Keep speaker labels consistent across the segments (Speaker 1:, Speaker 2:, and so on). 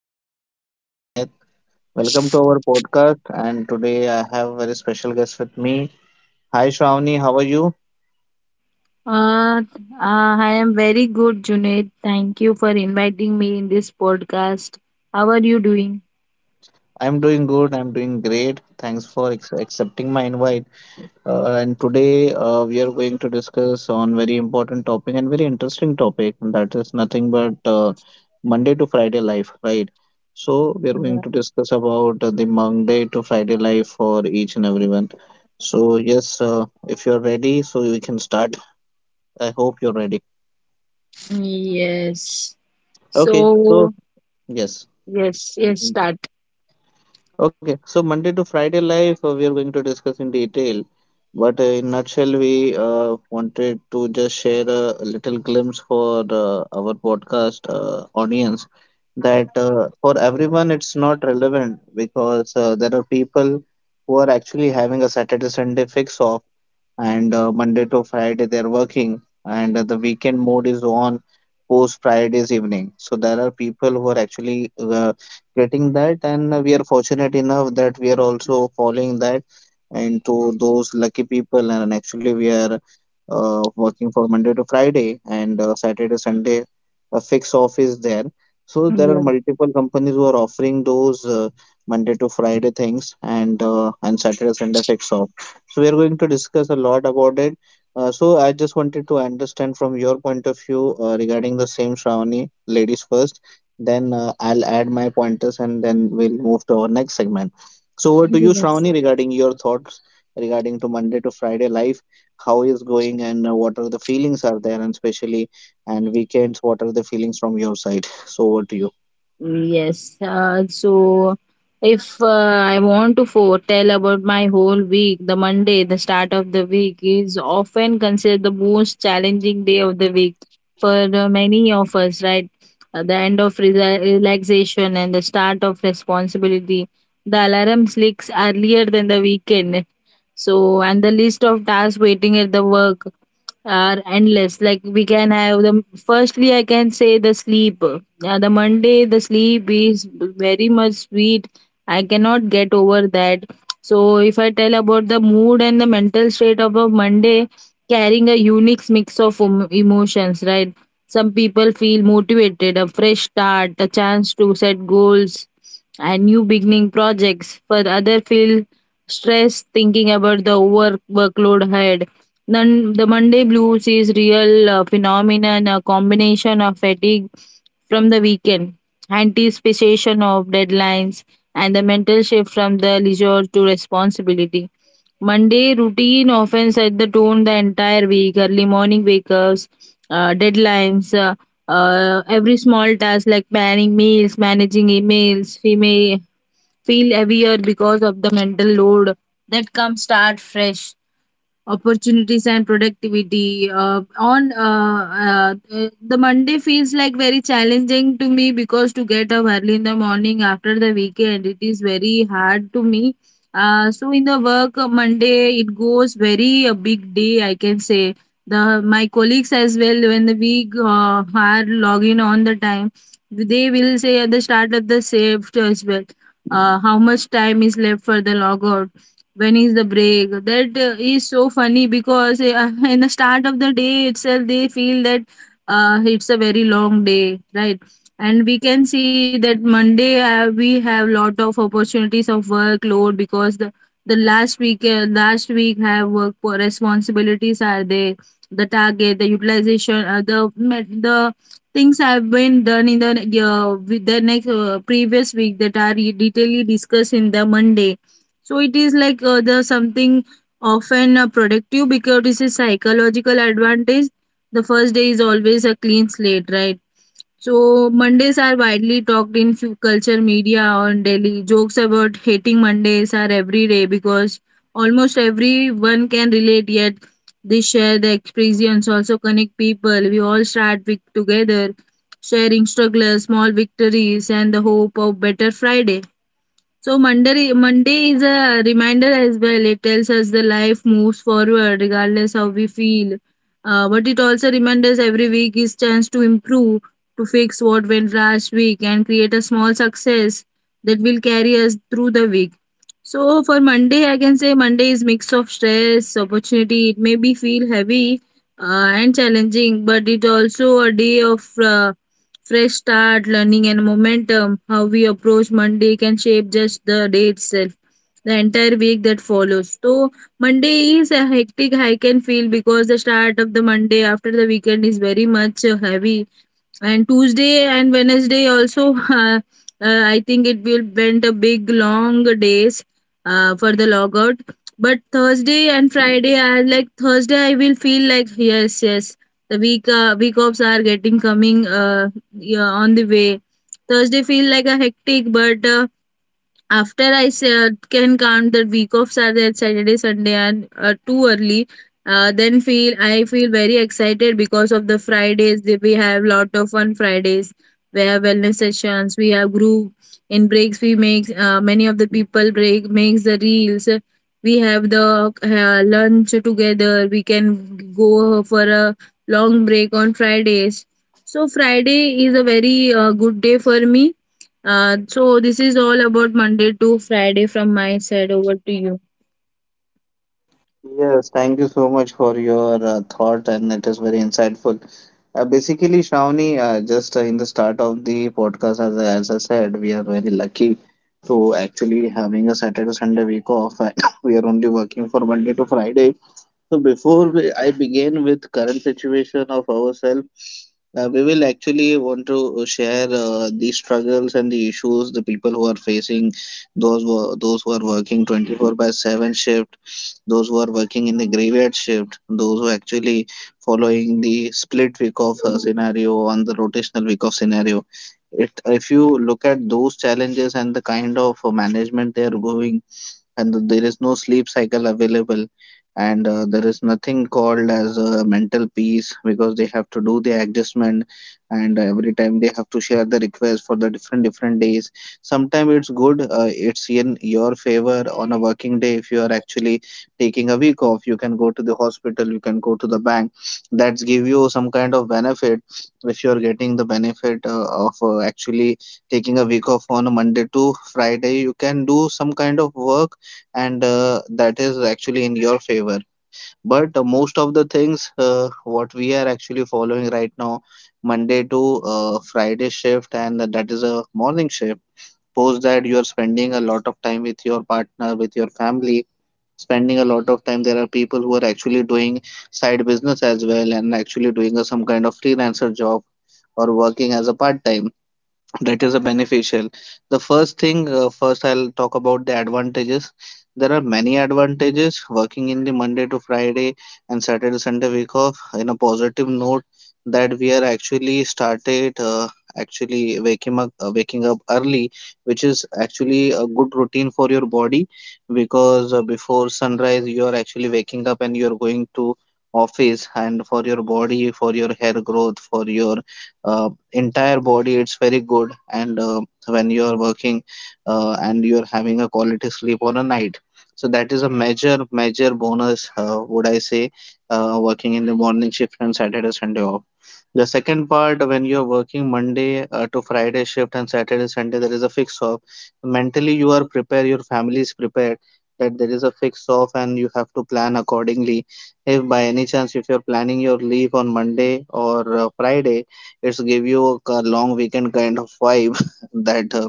Speaker 1: is your host Junaid. Welcome to our podcast. And today I have a very special guest with me. Hi Shravani, how are you?
Speaker 2: Uh, uh, I am very good, Junaid. Thank you for inviting me in this podcast. How are you doing?
Speaker 1: I'm doing good. I'm doing great. Thanks for accepting my invite. And today we are going to discuss on very important topic and very interesting topic. And that is nothing but Monday to Friday life, right? So we are going
Speaker 2: Yeah.
Speaker 1: to discuss about the Monday to Friday life for each and everyone. So yes, if you're ready, so we can start. I hope you're ready.
Speaker 2: Yes.
Speaker 1: Okay. So
Speaker 2: So,
Speaker 1: yes.
Speaker 2: yes, yes,
Speaker 1: Mm-hmm.
Speaker 2: start.
Speaker 1: Okay, so Monday to Friday life we are going to discuss in detail, but in nutshell we wanted to just share a little glimpse for our podcast audience that for everyone it's not relevant because there are people who are actually having a Saturday Sunday fix off and Monday to Friday they're working, and the weekend mode is on post Friday's evening. So there are people who are actually getting that, and we are fortunate enough that we are also following that into those lucky people, and actually we are working for Monday to Friday and Saturday Sunday a fixed off is there. So there are
Speaker 2: Yes.
Speaker 1: multiple companies who are offering those Monday to Friday things and and Saturday Sunday fixed off. So we are going to discuss a lot about it. So I just wanted to understand from your point of view regarding the same Shravani, ladies first. Then I'll add my pointers and then we'll move to our next segment. So over to you,
Speaker 2: Yes.
Speaker 1: Shravani, regarding your thoughts regarding to Monday to Friday life, how is going and what are the feelings are there, and especially and weekends, what are the feelings from your side? So over to you.
Speaker 2: Yes. So, if I want to foretell about my whole week, the Monday, the start of the week, is often considered the most challenging day of the week for many of us, right? The end of relaxation and the start of responsibility. The alarm sleeps earlier than the weekend. So, and the list of tasks waiting at the work are endless. Like we can have the firstly, I can say the sleep. The Monday, the sleep is very much sweet. I cannot get over that. So if I tell about the mood and the mental state of a Monday, carrying a unique mix of emotions, right? Some people feel motivated, a fresh start, a chance to set goals, and new beginning projects. For other, feel stress thinking about the work workload ahead then the Monday blues is real phenomenon, a combination of fatigue from the weekend, anticipation of deadlines, and the mental shift from the leisure to responsibility. Monday routine often set the tone the entire week. Early morning wake-ups, uh, deadlines, uh, every small task like planning meals, managing emails, we may feel heavier because of the mental load that comes start fresh opportunities and productivity on the Monday feels like very challenging to me because to get up early in the morning after the weekend it is very hard to me. So in the work Monday it goes very a big day I can say. The my colleagues as well when the week are logging on the time they will say at the start of the shift as well, how much time is left for the logout, when is the break that is so funny because in the start of the day itself they feel that it's a very long day, right? And we can see that Monday we have lot of opportunities of workload because the last week have work for responsibilities are there, the target, the utilization, the things have been done in the with the next previous week that are detailedly discussed in the Monday. So it is like the something often productive because this is psychological advantage. The first day is always a clean slate, right? So Mondays are widely talked in few culture media on daily. Jokes about hating Mondays are every day because almost everyone can relate. Yet they share the experience, also connect people. We all start week together, sharing struggles, small victories, and the hope of better Friday. So Monday is a reminder as well. It tells us the life moves forward regardless how we feel. But it also reminds us every week is chance to improve, to fix what went last week and create a small success that will carry us through the week. So for Monday, I can say Monday is mix of stress, opportunity. It may be feel heavy and challenging, but it also a day of uh, fresh start, learning and momentum. How we approach Monday can shape just the day itself, the entire week that follows. So Monday is a hectic I can feel because the start of the Monday after the weekend is very much heavy, and Tuesday and Wednesday also, I think it will went a big long days for the logout. But Thursday and Friday are like Thursday. I will feel like yes, yes, the week offs are getting coming, yeah, on the way. Thursday feel like a hectic, but after can count that week offs are Saturday, Saturday, Sunday, and too early, then feel I feel very excited because of the Fridays. They, we have lot of fun Fridays. We have wellness sessions. We have group in breaks. We make many of the people break makes the reels. We have the lunch together. We can go for a long break on Fridays. So Friday is a very good day for me. So this is all about Monday to Friday from my side. Over to you.
Speaker 1: Yes, thank you so much for your thought, and it is very insightful. Basically, Shravani, just in the start of the podcast, as I said, we are very lucky to actually having a Saturday to Sunday week off, and we are only working for Monday to Friday. So, before I begin with current situation of ourselves, we will actually want to share the struggles and the issues the people who are facing, those who are working 24 by 7 shift, those who are working in the graveyard shift, those who actually following the split week of scenario on the rotational week of scenario. If you look at those challenges and the kind of management they are going and there is no sleep cycle available and there is nothing called as a mental peace because they have to do the adjustment and every time they have to share the request for the different different days. Sometimes it's good, it's in your favor on a working day. If you are actually taking a week off you can go to the hospital, you can go to the bank, that's give you some kind of benefit. If you are getting the benefit of actually taking a week off on a Monday to Friday you can do some kind of work, and that is actually in your favor. But most of the things what we are actually following right now, Monday to Friday shift, and that is a morning shift. Post that you are spending a lot of time with your partner, with your family, spending a lot of time. There are people who are actually doing side business as well and actually some kind of freelancer job or working as a part time, that is a beneficial. The first thing, first I'll talk about the advantages. There are many advantages working in the Monday to Friday and Saturday Sunday week off. In a positive note, that we are actually started actually waking up, waking up early, which is actually a good routine for your body, because before sunrise you are actually waking up and you are going to office, and for your body, for your hair growth, for your entire body it's very good. And when you are working and you are having a quality sleep on a night, so that is a major bonus would I say, working in the morning shift and Saturday Sunday off. The second part, when you're working Monday to Friday shift and Saturday, Sunday, there is a fix off. Mentally, you are prepared, your family is prepared that there is a fix off and you have to plan accordingly. If by any chance, if you're planning your leave on Monday or Friday, it's give you a long weekend kind of vibe that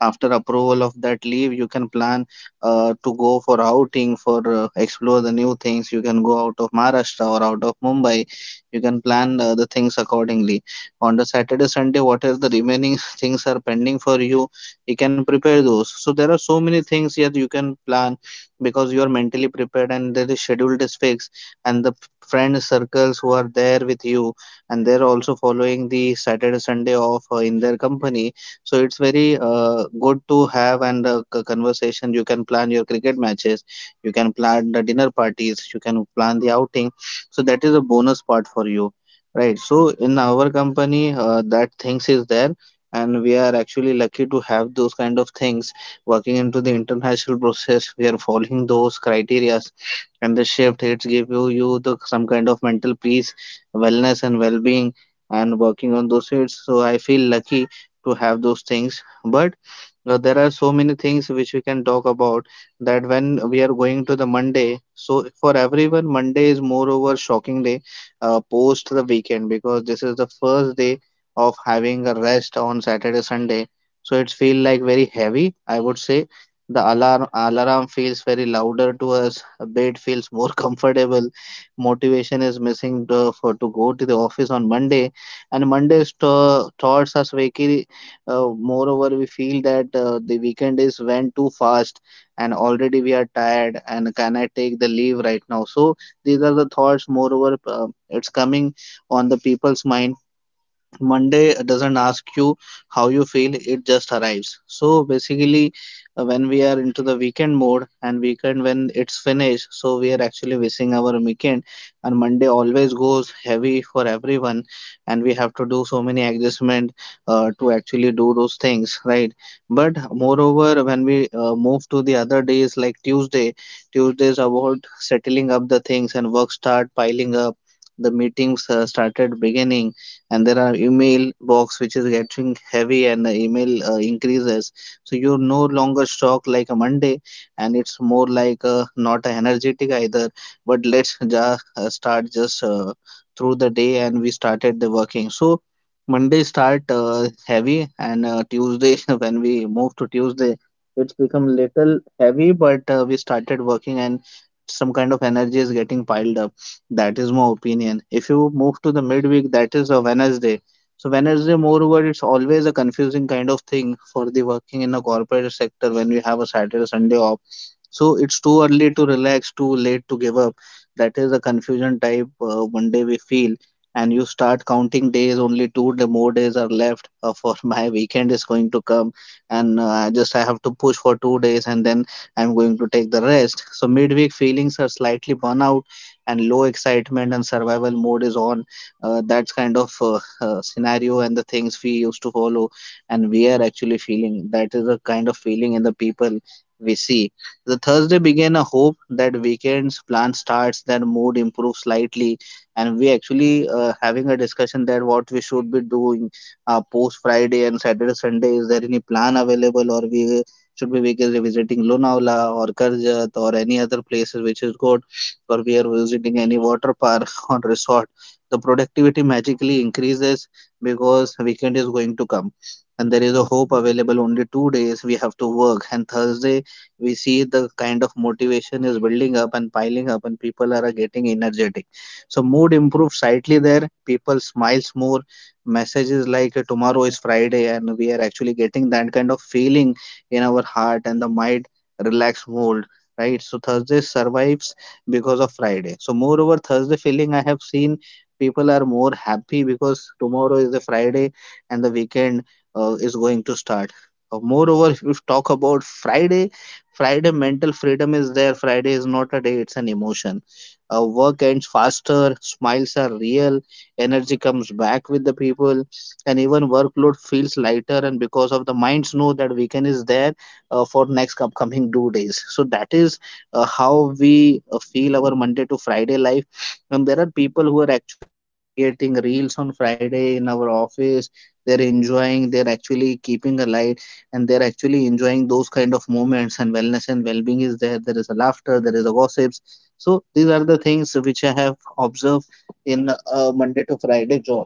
Speaker 1: after approval of that leave, you can plan to go for outing, for explore the new things. You can go out of Maharashtra or out of Mumbai, you can plan the things accordingly. On the Saturday Sunday, what are the remaining things are pending for you, you can prepare those. So there are so many things here you can plan, because you are mentally prepared and the schedule is fixed. And the friend circles who are there with you, and they're also following the Saturday Sunday off in their company, so it's very good to have. And conversation, you can plan your cricket matches, you can plan the dinner parties, you can plan the outing. So that is a bonus part for you, right? So in our company, that things is there, and we are actually lucky to have those kind of things working into the international process. We are following those criterias, and the shift it's give you the some kind of mental peace, wellness, and well-being, and working on those shifts. So I feel lucky to have those things, but there are so many things which we can talk about, that when we are going to the Monday. So for everyone, Monday is moreover shocking day post the weekend, because this is the first day of having a rest on Saturday, Sunday. So it feel like very heavy, I would say. The alarm feels very louder to us. A bed feels more comfortable. Motivation is missing for to go to the office on Monday, and Monday's thoughts are very moreover, we feel that the weekend is went too fast and already we are tired and can I take the leave right now? So these are the thoughts. Moreover, it's coming on the people's mind. Monday doesn't ask you how you feel, it just arrives. So basically, when we are into the weekend mode and weekend when it's finished, so we are actually missing our weekend. And Monday always goes heavy for everyone, and we have to do so many adjustment to actually do those things, right? But moreover, when we move to the other days like Tuesday, Tuesday is about settling up the things and work start piling up. The meetings started beginning, and there are email box which is getting heavy and the email increases, so you're no longer shocked like a Monday, and it's more like not energetic either, but let's just start just through the day, and we started the working. So Monday start heavy and Tuesday, when we move to Tuesday it's become little heavy, but we started working and some kind of energy is getting piled up, that is my opinion. If you move to the midweek, that is a Wednesday. So Wednesday, moreover, it's always a confusing kind of thing for the working in a corporate sector when we have a Saturday, Sunday off. So it's too early to relax, too late to give up. That is the confusion type one day we feel, and you start counting days, only two-day, more days are left for my weekend is going to come, and I have to push for two days, and then I'm going to take the rest. So midweek feelings are slightly burnout, and low excitement and survival mode is on. That's kind of scenario and the things we used to follow, and we are actually feeling. That is the kind of feeling in the people we see. The Thursday began a hope that weekend's plan starts, that mood improves slightly, and we actually having a discussion that what we should be doing post Friday and Saturday Sunday. Is there any plan available, or we should be visiting Lonavala or Karjat or any other places which is good, or we are visiting any water park or resort. The productivity magically increases because weekend is going to come, and there is a hope available, only 2 days we have to work. And Thursday we see the kind of motivation is building up and piling up, and people are getting energetic, so mood improves slightly there, people smiles more, messages like tomorrow is Friday, and we are actually getting that kind of feeling in our heart and the mind, relax mold, right? So Thursday survives because of Friday. So moreover Thursday feeling, I have seen people are more happy because tomorrow is the Friday and the weekend is going to start. Moreover, if we talk about Friday, Friday mental freedom is there. Friday is not a day, it's an emotion. Work ends faster, smiles are real, energy comes back with the people, and even workload feels lighter. And because of the minds know that weekend is there for next upcoming 2 days. So that is how we feel our Monday to Friday life. And there are people who are actually creating reels on Friday in our office. They're enjoying. They're actually keeping alive, and they're actually enjoying those kind of moments, and wellness and well-being is there. There is a laughter, there is a gossips. So these are the things which I have observed in a Monday to Friday job,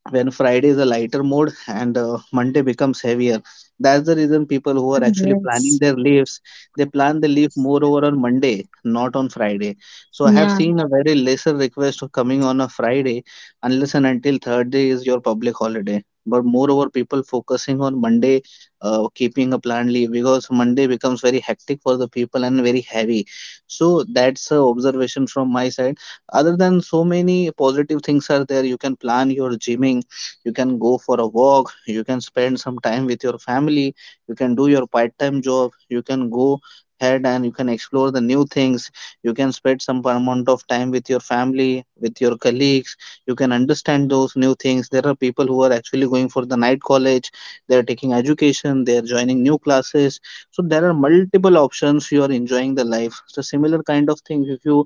Speaker 1: when Friday is a lighter mode and Monday becomes heavier. That's the reason people who are actually planning
Speaker 2: Yes.
Speaker 1: their leaves, they plan the leave more over on Monday, not on Friday. So I have
Speaker 2: Yeah.
Speaker 1: seen a very lesser request of coming on a Friday unless and until third day is your public holiday. But moreover, people focusing on Monday, keeping a planned leave because Monday becomes very hectic for the people and very heavy. So that's a observation from my side. Other than, so many positive things are there. You can plan your gymming, you can go for a walk, you can spend some time with your family, you can do your part-time job, you can go ahead and you can explore the new things, you can spend some amount of time with your family, with your colleagues, you can understand those new things. There are people who are actually going for the night college, they are taking education, they are joining new classes. So there are multiple options, you are enjoying the life. So similar kind of thing if you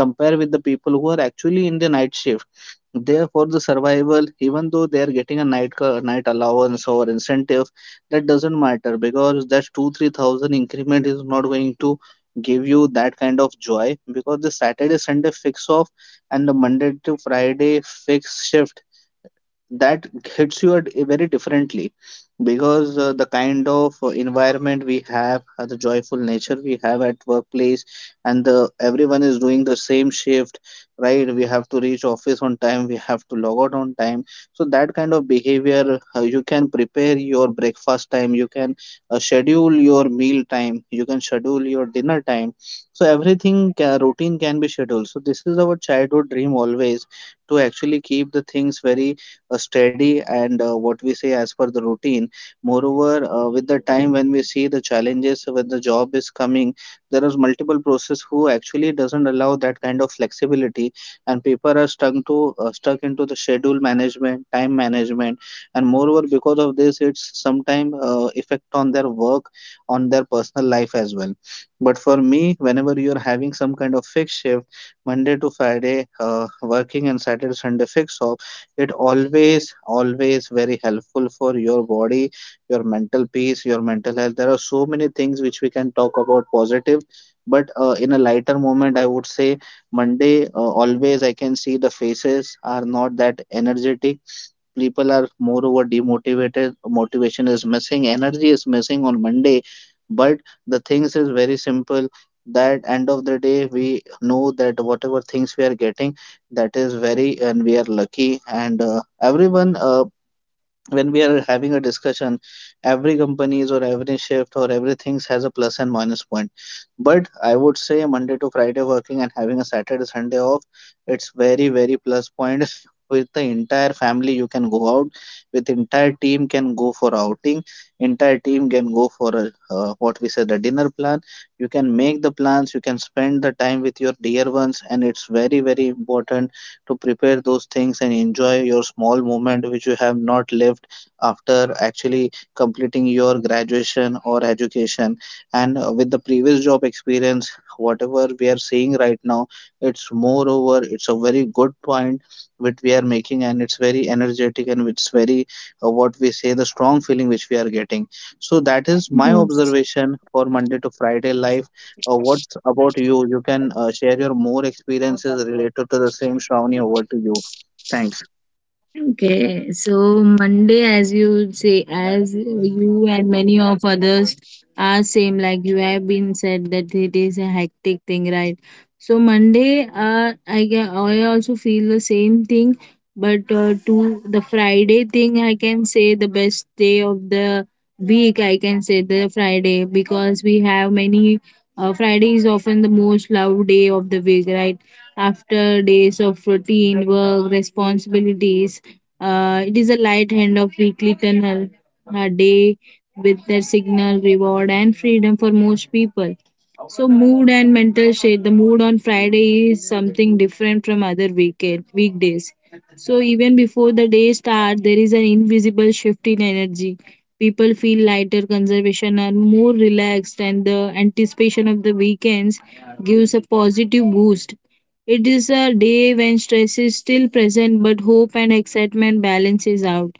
Speaker 1: compare with the people who are actually in the night shift. Therefore, the survival, even though they are getting a night allowance or incentive, that doesn't matter because that 2-3 thousand increment is not going to give you that kind of joy, because the Saturday Sunday fix off and the Monday to Friday fixed shift, that hits you at very differently. Because the kind of environment we have, the joyful nature we have at workplace, and the everyone is doing the same shift, right? We have to reach office on time, we have to log out on time. So that kind of behavior, you can prepare your breakfast time, you can schedule your meal time, you can schedule your dinner time. So everything, routine can be scheduled. So this is our childhood dream always, to actually keep the things very steady and what we say as per the routine. Moreover, with the time when we see the challenges, when the job is coming, there is multiple process who actually doesn't allow that kind of flexibility, and people are stuck to stuck into the schedule management, time management, and moreover because of this, it's sometime effect on their work, on their personal life as well. But for me, whenever you're having some kind of fixed shift, Monday to Friday, working and Saturday Sunday fixed off, it always always very helpful for your body, your mental peace, your mental health. There are so many things which we can talk about positive. But in a lighter moment, I would say Monday, always I can see the faces are not that energetic. People are moreover demotivated, motivation is missing, energy is missing on Monday. But the things is very simple, that end of the day we know that whatever things we are getting, that is very, and we are lucky. And everyone, when we are having a discussion, every companies or every shift or everything has a plus and minus point. But I would say Monday to Friday working and having a Saturday Sunday off, it's very very plus point. With the entire family you can go out, with entire team can go for outing, entire team can go for a, what we said, the dinner plan. You can make the plans, you can spend the time with your dear ones, and it's very very important to prepare those things and enjoy your small moment which you have not lived after actually completing your graduation or education. And with the previous job experience, whatever we are seeing right now, it's moreover, it's a very good point which we are making, and it's very energetic, and it's very what we say the strong feeling which we are getting. So that is my
Speaker 2: Yes.
Speaker 1: observation for Monday to Friday life. What's about you? You can share your more experiences related to the same, Shravani. Over to you. Thanks.
Speaker 2: Okay, so Monday, as you say, as you and many of others are same, like you have been said that it is a hectic thing, right? So Monday, I also feel the same thing, but to the Friday thing, I can say the best day of the week. I can say the Friday because we have many, Friday is often the most loved day of the week, right? After days of routine, work, responsibilities, it is a light hand of weekly tunnel, a day with their signal, reward, and freedom for most people. So, mood and mental state. The mood on Friday is something different from other weekend weekdays. So even before the day starts, there is an invisible shift in energy. People feel lighter, conservation are more relaxed, and the anticipation of the weekends gives a positive boost. It is a day when stress is still present, but hope and excitement balances out.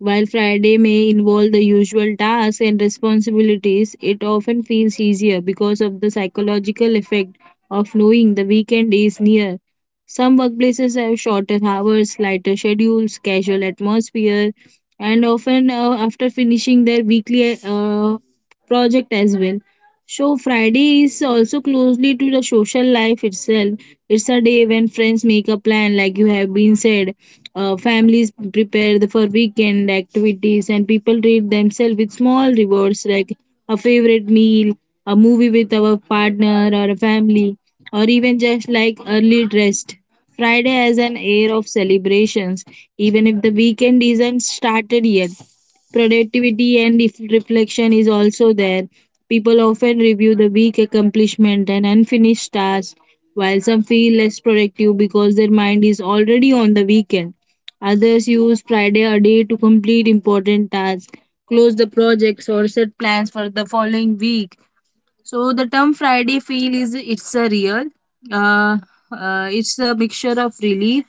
Speaker 2: While Friday may involve the usual tasks and responsibilities, it often feels easier because of the psychological effect of knowing the weekend is near. Some workplaces have shorter hours, lighter schedules, casual atmosphere, and often after finishing their weekly project as well. So Friday is also closely to the social life itself. It's a day when friends make a plan, like you have been said. Families prepare for weekend activities, and people treat themselves with small rewards like a favorite meal, a movie with our partner or a family, or even just like early rest. Friday has an air of celebrations, even if the weekend isn't started yet. Productivity and if reflection is also there. People often review the week accomplishment and unfinished tasks, while some feel less productive because their mind is already on the weekend. Others use Friday a day to complete important tasks, close the projects, or set plans for the following week. So the term Friday feel is it's a real. Uh, it's a mixture of relief,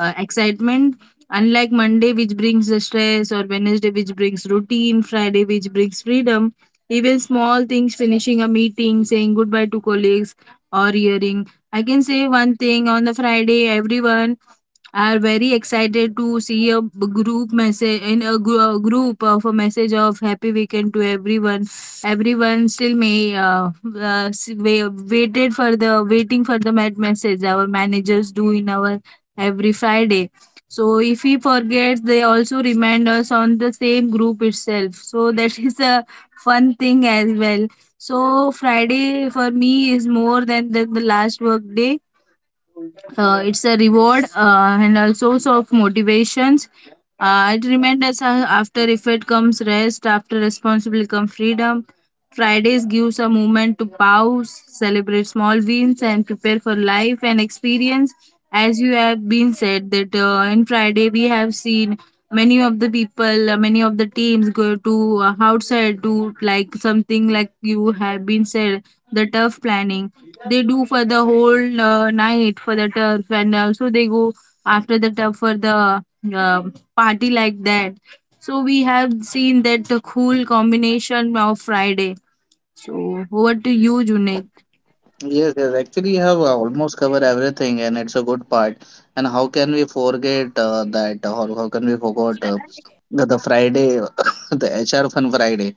Speaker 2: excitement. Unlike Monday, which brings the stress, or Wednesday, which brings routine, Friday, which brings freedom. Even small things, finishing a meeting, saying goodbye to colleagues, or hearing. I can say one thing on the Friday, everyone are very excited to see a group message in a, a group of a message of happy weekend to everyone. Everyone still may s- wa- waited for the waiting for the mad message our managers do in our every Friday. So if he forgets, they also remind us on the same group itself. So that is a fun thing as well. So Friday for me is more than the last work day. It's a reward and a source of motivations. It reminds us after effort comes rest, after responsibility comes freedom. Fridays gives a moment to pause, celebrate small wins, and prepare for life and experience. As you have been said, that in Friday we have seen many of the people, many of the teams go to outside to like something like you have been said, the turf planning. They do for the whole night for the turf, and also they go after the turf for the uh, party like that. So we have seen that cool combination of Friday. Over to you, Junaid.
Speaker 1: Yes, yes, actually, you have almost covered everything, and it's a good part. And how can we forget that, or how can we forget the Friday, the HR Fun Friday?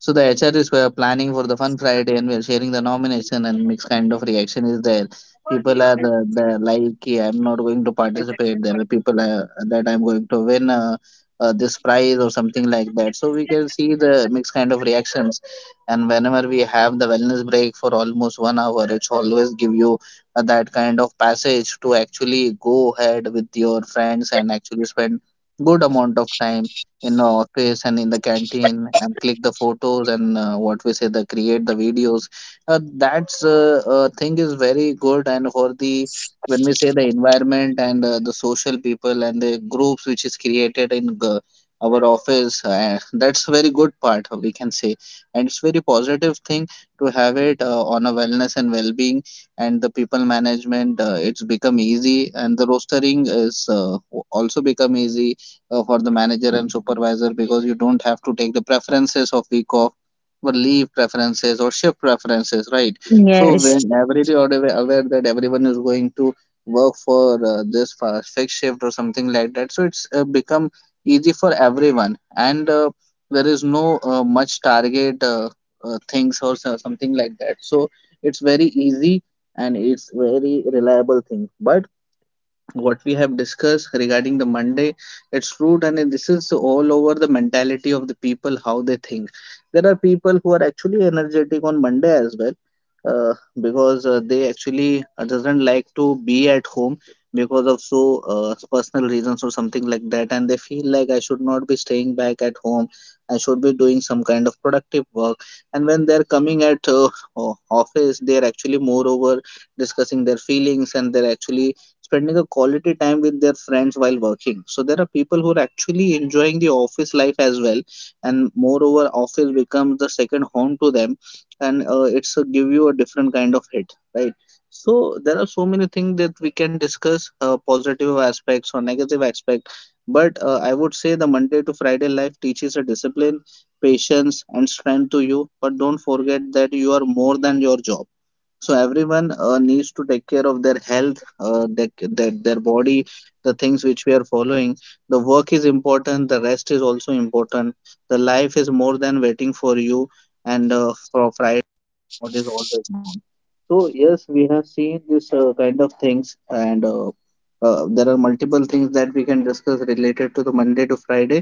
Speaker 1: So the HRs were planning for the fun Friday, and we are sharing the nomination, and mixed kind of reaction is there. People are the like, "Yeah, I'm not going to participate." There are people that I'm going to win this prize or something like that. So we can see the mixed kind of reactions. And whenever we have the wellness break for almost 1 hour, it's always give you that kind of passage to actually go ahead with your friends and actually spend good amount of time in the office and in the canteen and click the photos and what we say the create the videos, uh, that's thing is very good. And for the, when we say the environment and the social people and the groups which is created in our office, that's very good part, we can say, and it's very positive thing to have it on a wellness and well-being. And the people management, it's become easy, and the rostering is also become easy for the manager and supervisor, because you don't have to take the preferences of week off or leave preferences or shift preferences, right? So
Speaker 2: Yes.
Speaker 1: when everybody are aware that everyone is going to work for this fixed shift or something like that, so it's become easy for everyone. And there is no much target, things or something like that. So it's very easy and it's very reliable thing. But what we have discussed regarding the Monday, it's true, and this is all over the mentality of the people, how they think. There are people who are actually energetic on Monday as well, because they actually doesn't like to be at home because of so personal reasons or something like that, and they feel like I should not be staying back at home. I should be doing some kind of productive work. And when they're coming at office, they're actually moreover discussing their feelings, and they're actually spending a quality time with their friends while working. So there are people who are actually enjoying the office life as well, and moreover, office becomes the second home to them, and it's a, give you a different kind of hit, right? So there are so many things that we can discuss, positive aspects or negative aspect, but I would say the Monday to Friday life teaches a discipline, patience, and strength to you. But don't forget that you are more than your job. So everyone needs to take care of their health, their body, the things which we are following. The work is important, the rest is also important. The life is more than waiting for you and for Friday. What is always on? So yes, we have seen this kind of things and there are multiple things that we can discuss related to the Monday to Friday.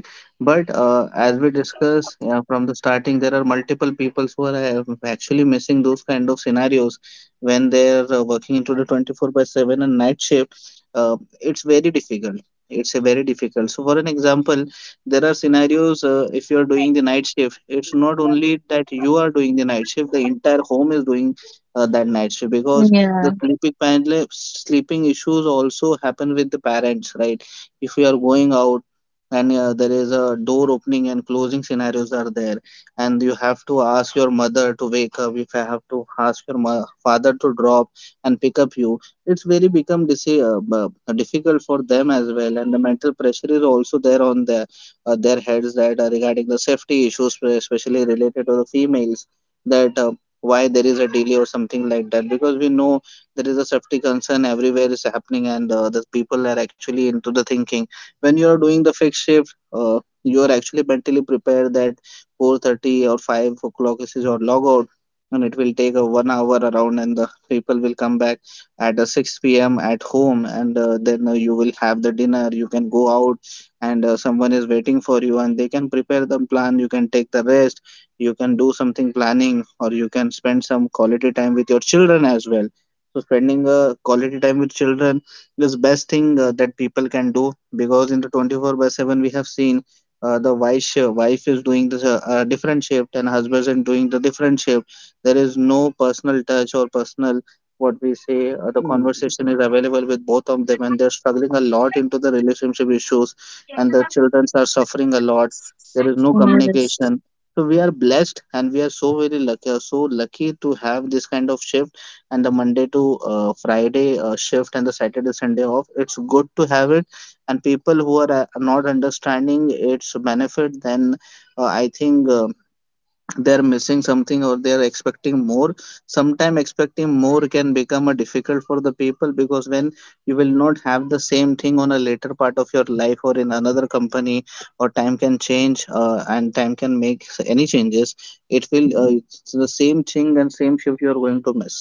Speaker 1: But as we discuss, from the starting, there are multiple peoples who are actually missing those kind of scenarios when they're working into the 24 by 7 and night shift. It's very difficult, it's a very difficult. So for an example, there are scenarios, if you are doing the night shift, it's not only that you are doing the night shift, the entire home is doing that night shift, because the
Speaker 2: Yeah.
Speaker 1: sleeping panel, sleeping issues also happen with the parents, right? If you are going out and there is a door opening and closing scenarios are there, and you have to ask your mother to wake up. If I have to ask your father to drop and pick up you, it's very become difficult for them as well, and the mental pressure is also there on their heads, that regarding the safety issues, especially related to the females, that why there is a delay or something like that, because we know there is a safety concern everywhere is happening and the people are actually into the thinking. When you are doing the fixed shift, you are actually mentally prepared that 4:30 or 5 o'clock is your logout, and it will take a 1 hour around and the people will come back at 6 p.m. at home, and then you will have the dinner, you can go out, and someone is waiting for you and they can prepare the plan, you can take the rest, you can do something planning, or you can spend some quality time with your children as well. So spending quality time with children is best thing that people can do, because in the 24 by 7 we have seen wife is doing the different shift and husband is doing the different shift. There is no personal touch or personal, what we say. The conversation is available with both of them, and they're struggling a lot into the relationship issues, and the children are suffering a lot. There is no
Speaker 2: Yes.
Speaker 1: communication. So we are blessed, and we are so very lucky, so lucky to have this kind of shift and the Monday to Friday shift and the Saturday Sunday off. It's good to have it, and people who are not understanding its benefit, then I think they're missing something or they're expecting more. Sometimes expecting more can become a difficult for the people, because when you will not have the same thing on a later part of your life or in another company, or time can change, and time can make any changes, it will it's the same thing and same shift you are going to miss.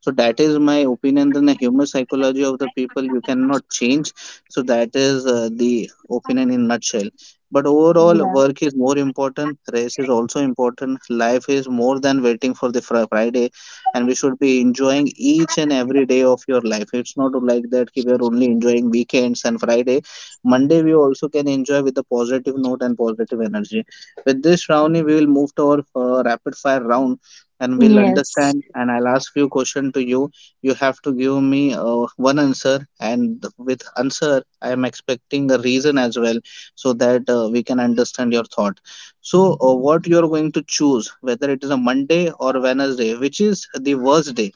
Speaker 1: So that is my opinion. Then the human psychology of the people you cannot change. So that is the opinion in nutshell. But overall, work is more important, rest is also important, life is more than waiting for the Friday, and we should be enjoying each and every day of your life. It's not like that ki we are only enjoying weekends and Friday. Monday, we also can enjoy with the positive note and positive energy. With this, Ravni, we will move to our rapid fire round, and we'll
Speaker 2: Yes.
Speaker 1: understand. And I'll ask few questions to you. You have to give me one answer, and with answer, I am expecting a reason as well, so that we can understand your thought. So what you are going to choose, whether it is a Monday or Wednesday, which is the worst day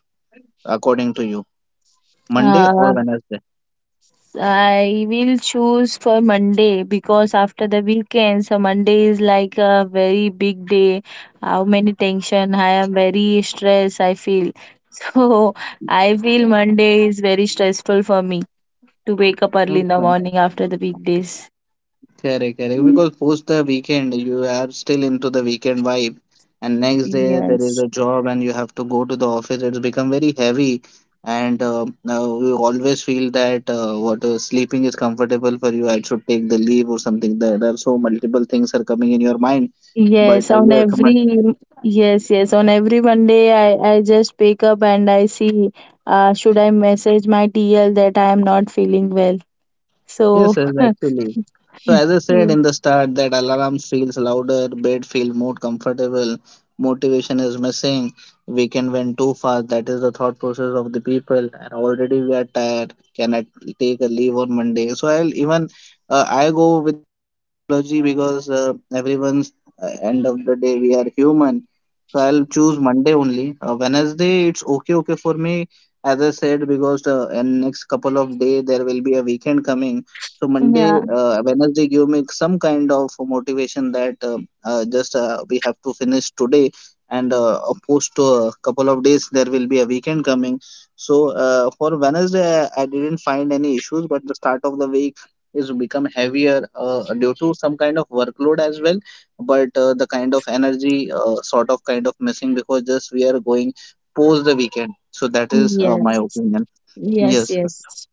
Speaker 1: according to you? Monday or
Speaker 2: Uh,
Speaker 1: Wednesday?
Speaker 2: I will choose for Monday because after the weekend, so Monday is like a very big day. How many tension? I am very stressed. I feel so. I feel Monday is very stressful for me to wake up early in
Speaker 1: Mhm.
Speaker 2: the morning after the weekdays.
Speaker 1: Correct, correct, because post the weekend you are still into the weekend vibe, and next day there is
Speaker 2: Yes.
Speaker 1: a job and you have to go to the office, it's become very heavy. And now you always feel that what sleeping is comfortable for you, I should take the leave or something, there are so multiple things are coming in your mind. But
Speaker 2: Yes, on
Speaker 1: yes,
Speaker 2: every
Speaker 1: but
Speaker 2: yes, on every Monday I just pick up and I see should I message my TL that I am not feeling well.
Speaker 1: yes,
Speaker 2: So
Speaker 1: yes, actually. So as I said in the start that alarm feels louder, bed feels more comfortable, motivation is missing, weekend went too fast, that is the thought process of the people, and already we are tired, can I take a leave on Monday? So I'll even I go with technology, because everyone's end of the day we are human. So I'll choose Monday only. Wednesday it's okay for me, as I said, because in next couple of day there will be a weekend coming. So Monday, Wednesday give me some kind of motivation that just we have to finish today, and post a couple of days there will be a weekend coming. So for Wednesday, I didn't find any issues, but the start of the week is become heavier due to some kind of workload as well. But the kind of energy sort of kind of missing because just we are going post the weekend. So that is
Speaker 2: yeah,
Speaker 1: my opinion.
Speaker 2: yes,
Speaker 1: Yes.
Speaker 2: yes.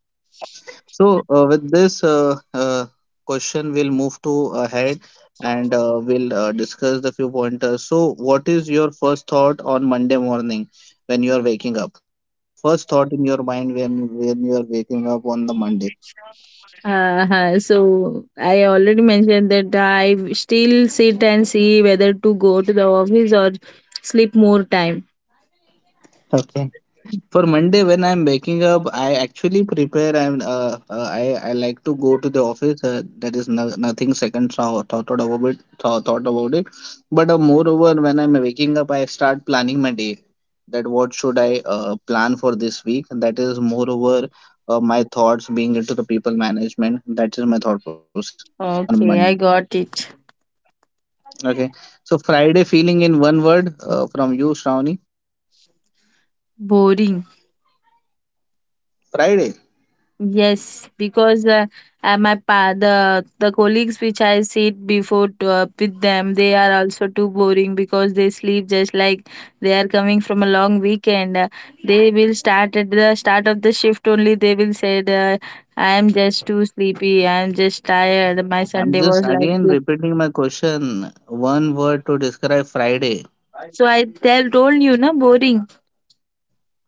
Speaker 1: So, with this question, we'll move to ahead, and we'll discuss the few pointers. So, what is your first thought on Monday morning when you are waking up? First thought in your mind when you are waking up on the Monday.
Speaker 2: Uh-huh. So I already mentioned that I still sit and see whether to go to the office or sleep more time.
Speaker 1: Okay. For Monday, when I'm waking up, I actually prepare and I like to go to the office. That is no, nothing second thought, thought about it. Thought, thought about it. But moreover, when I'm waking up, I start planning my day. That what should I plan for this week? That is moreover my thoughts being into the people management. That is my thought process on
Speaker 2: Okay,
Speaker 1: Monday.
Speaker 2: I got it.
Speaker 1: Okay. So Friday feeling in one word, from you, Shravani.
Speaker 2: Boring.
Speaker 1: Friday.
Speaker 2: Yes, because my pa the colleagues which I sit before to, with them, they are also too boring because they sleep just like they are coming from a long weekend. They will start at the start of the shift only. They will say, "I am just too sleepy. I am just tired. My
Speaker 1: I'm
Speaker 2: Sunday
Speaker 1: just
Speaker 2: was like
Speaker 1: again
Speaker 2: this."
Speaker 1: repeating my question. One word to describe Friday.
Speaker 2: So I tell told you, na boring.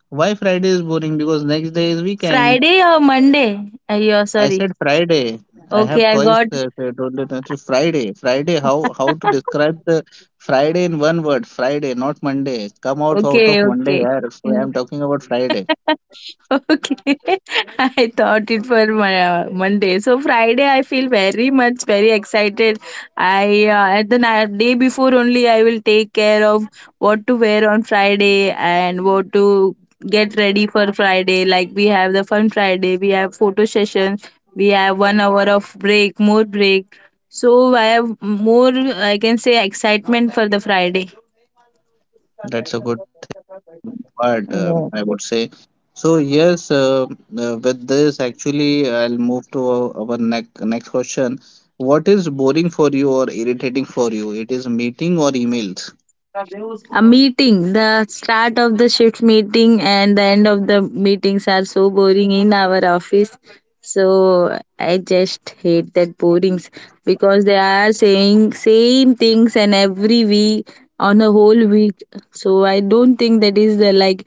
Speaker 1: Why Friday is boring? Because next day is weekend.
Speaker 2: Friday or Monday? Yeah,
Speaker 1: I
Speaker 2: sorry.
Speaker 1: said Friday. I
Speaker 2: Okay,
Speaker 1: have
Speaker 2: I
Speaker 1: twice
Speaker 2: got.
Speaker 1: said only that you- Friday. Friday. How to describe the Friday in one word? Friday, not Monday. Come out out of
Speaker 2: Okay,
Speaker 1: Monday,
Speaker 2: okay.
Speaker 1: yeah. So
Speaker 2: Yeah.
Speaker 1: I'm talking about Friday.
Speaker 2: Okay, I thought it for Monday. So Friday, I feel very much very excited. I At the night, day before only, I will take care of what to wear on Friday and what to get ready for Friday. Like we have the fun Friday, we have photo session, we have 1 hour of break, more break. So I have more, I can say, excitement for the Friday.
Speaker 1: That's a good thing. Part, I would say. So yes, with this actually, I'll move to our next next question. What is boring for you or irritating for you? It is meeting or emails?
Speaker 2: A meeting, the start of the shift meeting and the end of the meetings are so boring in our office, so I just hate that borings because they are saying same things and every week on a whole week. So I don't think that is the, like,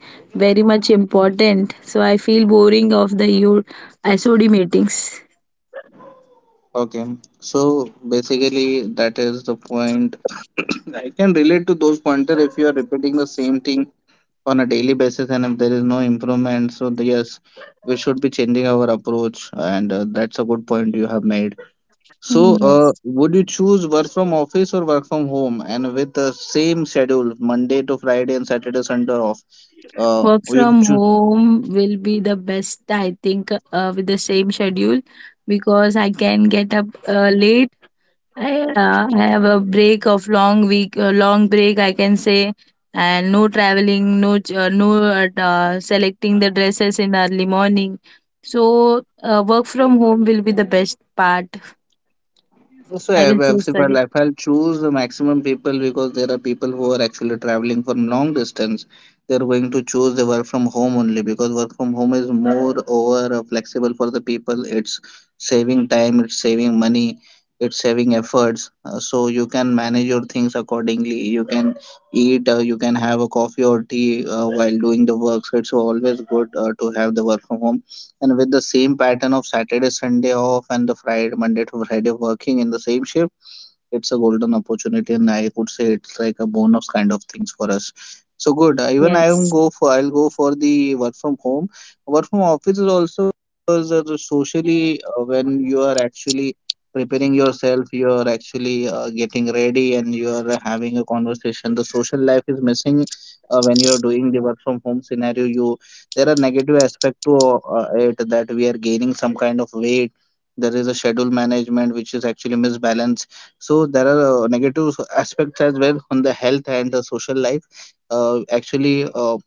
Speaker 2: very much important, so I feel boring of the your sod meetings.
Speaker 1: Okay, so basically that is the point. I can relate to those pointer if you are repeating the same thing on a daily basis and if there is no improvement. So the- yes, we should be changing our approach, and that's a good point you have made. So,
Speaker 2: Yes.
Speaker 1: would you choose work from office or work from home, and with the same schedule, Monday to Friday and Saturday, Sunday off?
Speaker 2: Work
Speaker 1: Would you
Speaker 2: from
Speaker 1: choose?
Speaker 2: home will be the best, I think, with the same schedule because I can get up late. I have a break of long week, long break, I can say, and no traveling, no selecting the dresses in early morning. So work from home will be the best part.
Speaker 1: So
Speaker 2: I will choose for it.
Speaker 1: if I'll choose the maximum people, because there are people who are actually traveling from long distance, they're going to choose the work from home only, because work from home is more over flexible for the people. It's saving time, it's saving money, it's saving efforts. So you can manage your things accordingly. You can eat, you can have a coffee or tea while doing the work. So it's always good to have the work from home, and with the same pattern of Saturday, Sunday off and the Friday, Monday to Friday working in the same shift, it's a golden opportunity, and I would say it's like a bonus kind of things for us. So good. Even
Speaker 2: Yes,
Speaker 1: I'll go for the work from home. Work from office is also, because the socially, when you are actually preparing yourself, you are actually getting ready, and you are having a conversation. The social life is missing when you are doing the work from home scenario. You, there are negative aspect to it, that we are gaining some kind of weight. There is a schedule management which is actually misbalanced, so there are aspects as well on the health and the social life. Actually,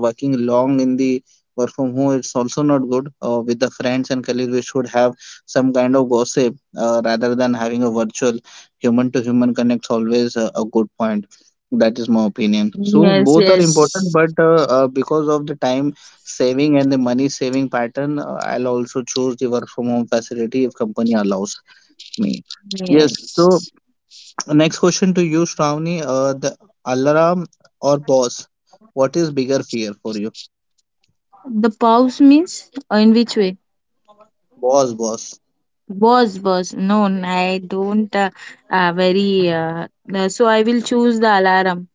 Speaker 1: working long in the work from home, it's also not good. With the friends and colleagues, we should have some kind of gossip rather than having a virtual human to human connects. Always a good point. That is my opinion. So
Speaker 2: yes,
Speaker 1: both are important,
Speaker 2: yes,
Speaker 1: but because of the time saving and the money saving pattern, I'll also choose the work from home facility if company allows me. Yes,
Speaker 2: yes.
Speaker 1: so next question to you, Shravani. The alarm or boss? What is bigger fear for you?
Speaker 2: The pause means in which way?
Speaker 1: Boss, boss.
Speaker 2: Was known. I don't very So I will choose the alarm.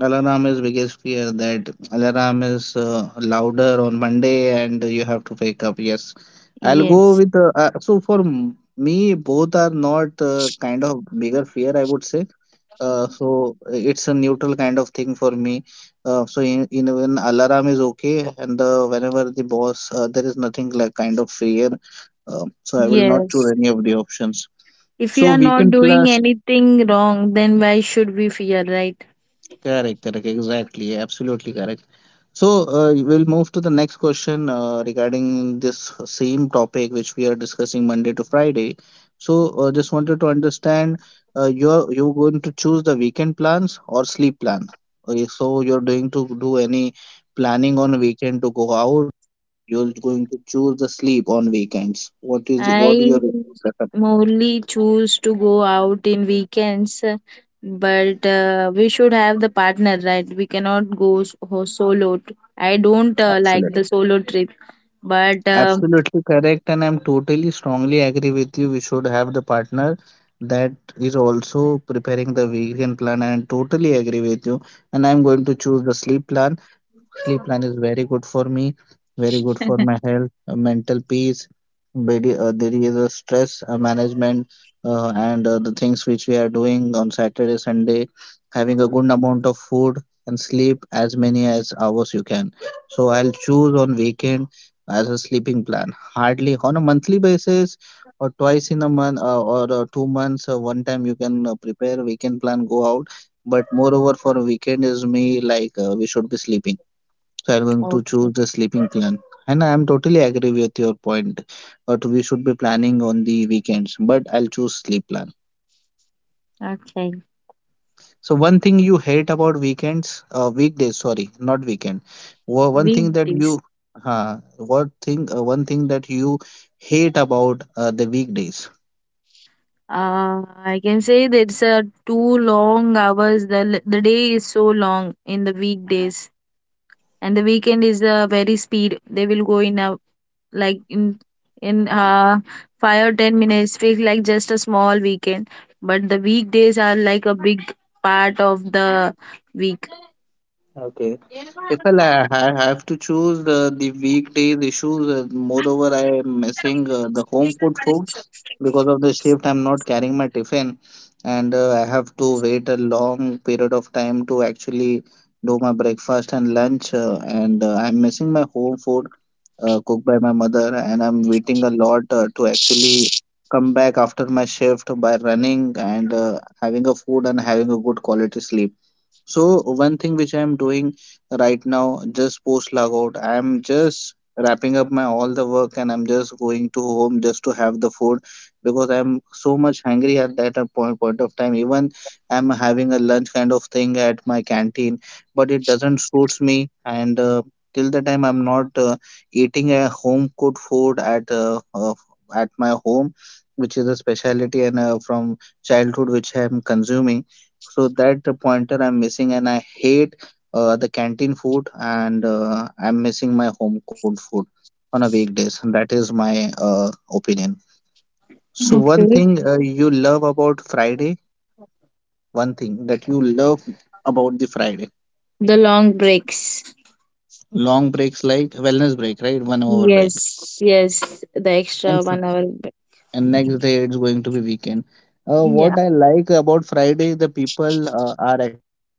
Speaker 1: Alarm is biggest fear, that alarm is louder on Monday and you have to wake up. Yes, I'll go
Speaker 2: Yes,
Speaker 1: with me both are not kind of bigger fear I would say. So it's a neutral kind of thing for me. So in when alarm is okay and the whenever the boss there is nothing like kind of fear. So I will not choose
Speaker 2: yes.
Speaker 1: any of the options.
Speaker 2: If you
Speaker 1: So
Speaker 2: are not
Speaker 1: weekend
Speaker 2: doing
Speaker 1: plus
Speaker 2: anything wrong, then why should we fear, right?
Speaker 1: correct, exactly, absolutely correct. So we'll move to the next question regarding this same topic which we are discussing Monday to Friday. So just wanted to understand you're going to choose the weekend plans or sleep plan. Okay, so you're doing to do any planning on weekend to go out. You're going to choose the sleep on weekends. What is what
Speaker 2: I
Speaker 1: your preference?
Speaker 2: mostly choose to go out in weekends, but we should have the partner, right? We cannot go solo. I don't like
Speaker 1: Absolutely.
Speaker 2: the solo trip, but
Speaker 1: Absolutely correct, and I'm totally strongly agree with you. We should have the partner that is also preparing the vegan plan, and I totally agree with you. And I'm going to choose the sleep plan. Sleep plan is very good for me, very good for my health, mental peace. There is a stress management and the things which we are doing on Saturday, Sunday, having a good amount of food and sleep as many as hours you can. So I'll choose on weekend as a sleeping plan. Hardly on a monthly basis or twice in a month or 2 months one time you can prepare weekend plan go out, but moreover for weekend is me like we should be sleeping, so I'm going to
Speaker 2: okay,
Speaker 1: choose the sleeping plan, and I'm totally agree with your point, but we should be planning on the weekends but I'll choose sleep plan.
Speaker 2: okay,
Speaker 1: So one thing you hate about weekends, weekdays, sorry, not weekend. One thing that
Speaker 2: weekdays.
Speaker 1: you, huh? What thing, one thing that you hate about the weekdays?
Speaker 2: Uh, I can say that it's two long hours. The day is so long in the weekdays, and the weekend is very speed. They will go in a, like, in 5 or 10 minutes. Feel like just a small weekend, but the weekdays are like a big part of the week.
Speaker 1: Okay, if well, I have to choose the weekdays issues, moreover, I am missing the home cooked food because of the shift. I'm not carrying my tiffin, and I have to wait a long period of time to actually do my breakfast and lunch, and I'm missing my home food cooked by my mother, and I'm waiting a lot to actually come back after my shift by running and having a food and having a good quality sleep. So one thing which I am doing right now, just post logout, I am just wrapping up my all the work and I'm just going to home just to have the food because I'm so much hungry at that a point of time. Even I'm having a lunch kind of thing at my canteen, but it doesn't suits me. And till the time I'm not eating a home cooked food at my home, which is a specialty, and from childhood which I'm consuming, so that the pointer I'm missing, and I hate the canteen food, and I'm missing my home cooked food on a weekdays. That is my opinion. So one
Speaker 2: Okay.
Speaker 1: thing you love about Friday, one thing that you love about the Friday,
Speaker 2: The long breaks.
Speaker 1: long breaks like wellness break, right? 1 hour break.
Speaker 2: Yes, yes, the
Speaker 1: And
Speaker 2: extra 1 hour.
Speaker 1: next day it's going to be weekend.
Speaker 2: Yeah.
Speaker 1: What I like about Friday, the people are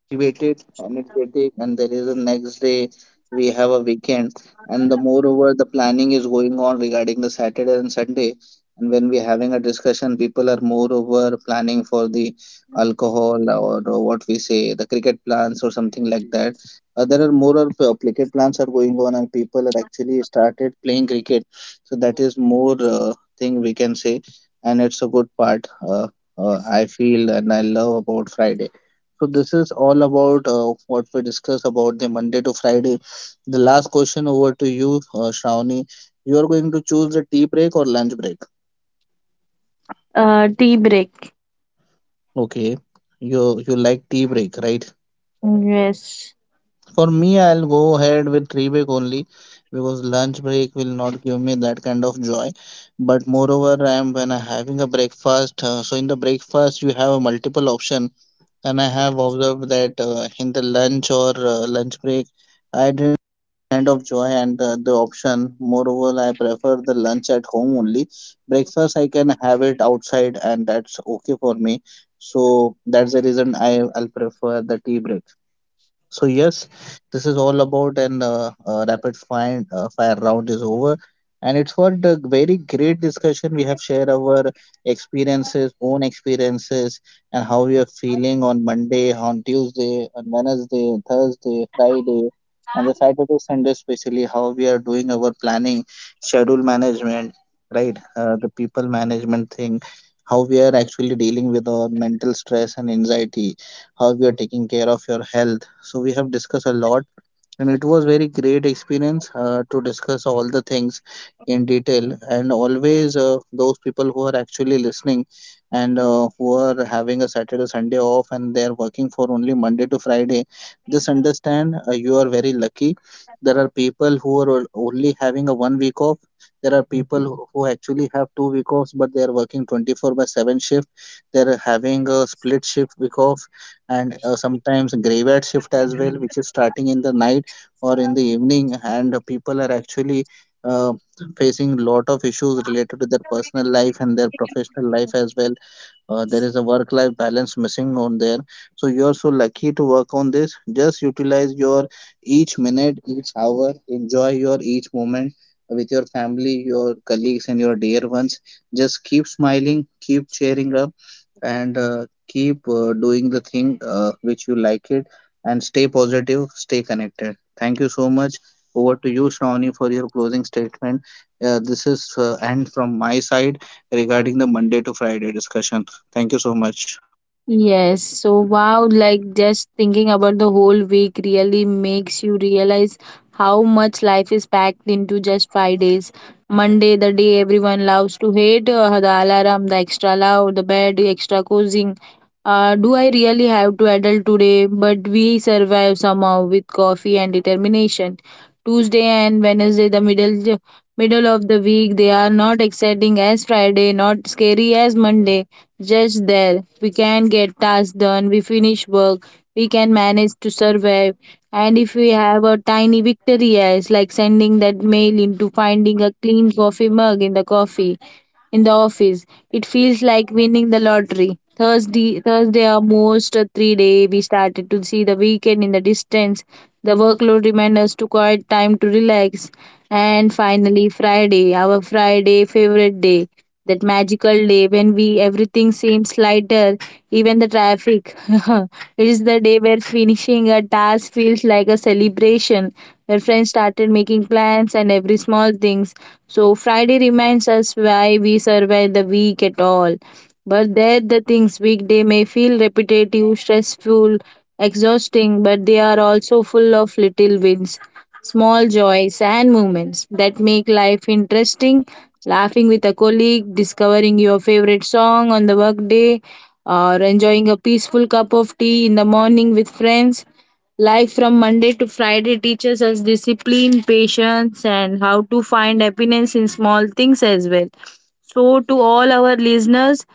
Speaker 1: activated, energetic, and there is a next day we have a weekend, and the moreover the planning is going on regarding the Saturday and Sunday. And when we're having a discussion, people are moreover planning for the alcohol, or what we say, the cricket plans or something like that. There are more or cricket plans are going on, and people are actually started playing cricket. So that is more thing we can say, and it's a good part, uh, I feel, and I love about Friday. So this is all about what we discuss about the Monday to Friday. The last question over to you, Shravani. You are going to choose the tea break or lunch break?
Speaker 2: Tea break.
Speaker 1: Okay, you like tea break, right?
Speaker 2: Yes.
Speaker 1: For me, I'll go ahead with tea break only because lunch break will not give me that kind of joy. But moreover, I am when I'm having a breakfast. So in the breakfast, you have a multiple option, and I have observed that in the lunch or lunch break, I didn't kind of joy and the option. Moreover, I prefer the lunch at home only. Breakfast I can have it outside, and that's okay for me. So that's the reason I'll prefer the tea break. So yes, this is all about an rapid fire fire round is over, and it's for the very great discussion. We have shared our experiences, own experiences, and how we are feeling on Monday, on Tuesday, on Wednesday, Thursday, Friday, and the Saturday, Sunday, especially how we are doing our planning, schedule management, right? The people management thing, how we are actually dealing with our mental stress and anxiety, how we are taking care of your health. So we have discussed a lot, and it was very great experience to discuss all the things in detail, and always those people who are actually listening and who are having a Saturday Sunday off and they are working for only Monday to Friday, just understand you are very lucky. There are people who are only having a 1 week off. There are people who actually have 2 week offs, but they are working 24 by 7 shift. They are having a split shift week off, and sometimes graveyard shift as well, which is starting in the night or in the evening, and people are actually uh, facing lot of issues related to their personal life and their professional life as well. Uh, there is a work life balance missing on there, so you are so lucky to work on this. Just utilize your each minute, each hour, enjoy your each moment with your family, your colleagues, and your dear ones. Just keep smiling, keep cheering up, and keep doing the thing which you like it, and stay positive, stay connected. Thank you so much. Over to you, Shravani, for your closing statement. Uh, this is end from my side regarding the Monday to Friday discussion. Thank you so much.
Speaker 2: Yes, so wow, like, just thinking about the whole week really makes you realize how much life is packed into just 5 days. Monday, the day everyone loves to hate, the alarm, the extra loud, the bed, the extra cozying. Do I really have to adult today? But we survive somehow with coffee and determination. Tuesday and Wednesday, the middle of the week, they are not exciting as Friday, not scary as Monday, just there. We can get tasks done, we finish work, we can manage to survive. And if we have a tiny victory, yes, like sending that mail into finding a clean coffee mug in the coffee in the office. It feels like winning the lottery. Thursday, Thursday, almost a 3 day. We started to see the weekend in the distance. The workload remained us to quiet time to relax, and finally Friday, our Friday favorite day, that magical day when we everything seems lighter, even the traffic. It is the day where finishing a task feels like a celebration, where friends started making plans and every small things. So Friday reminds us why we survive the week at all. But there the things weekday may feel repetitive, stressful, exhausting, but they are also full of little wins. Small joys and moments that make life interesting. Laughing with a colleague, discovering your favorite song on the workday, or enjoying a peaceful cup of tea in the morning with friends. Life from Monday to Friday teaches us discipline, patience, and how to find happiness in small things as well. So, to all our listeners,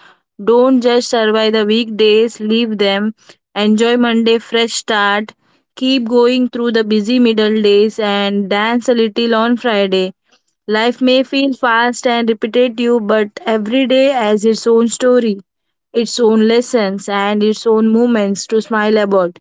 Speaker 2: don't just survive the weekdays, leave them. Enjoy Monday, fresh start, keep going through the busy middle days, and dance a little on Friday. Life may feel fast and repetitive, but every day has its own story, its own lessons, and its own moments to smile about.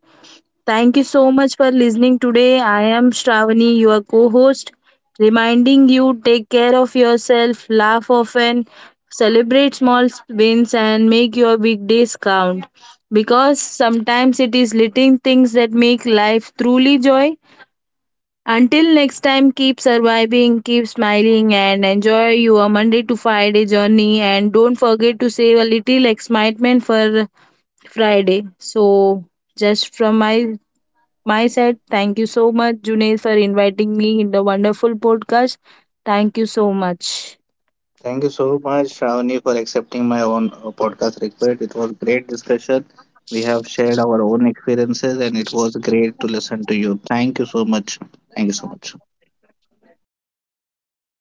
Speaker 2: Thank you so much for listening today. I am Shravani, your co host, reminding you take care of yourself, laugh often, celebrate small wins, and make your big days count. Because sometimes it is little things that make life truly joy. Until next time, keep surviving, keep smiling, and enjoy your Monday to Friday journey. And don't forget to save a little excitement for Friday. So, just from my side, thank you so much, Junaid, for inviting me in the wonderful podcast. Thank you so much.
Speaker 1: Thank you so much, Shravani, for accepting my own podcast request. It was great discussion. We have shared our own experiences, and it was great to listen to you. Thank you so much. Thank you so much.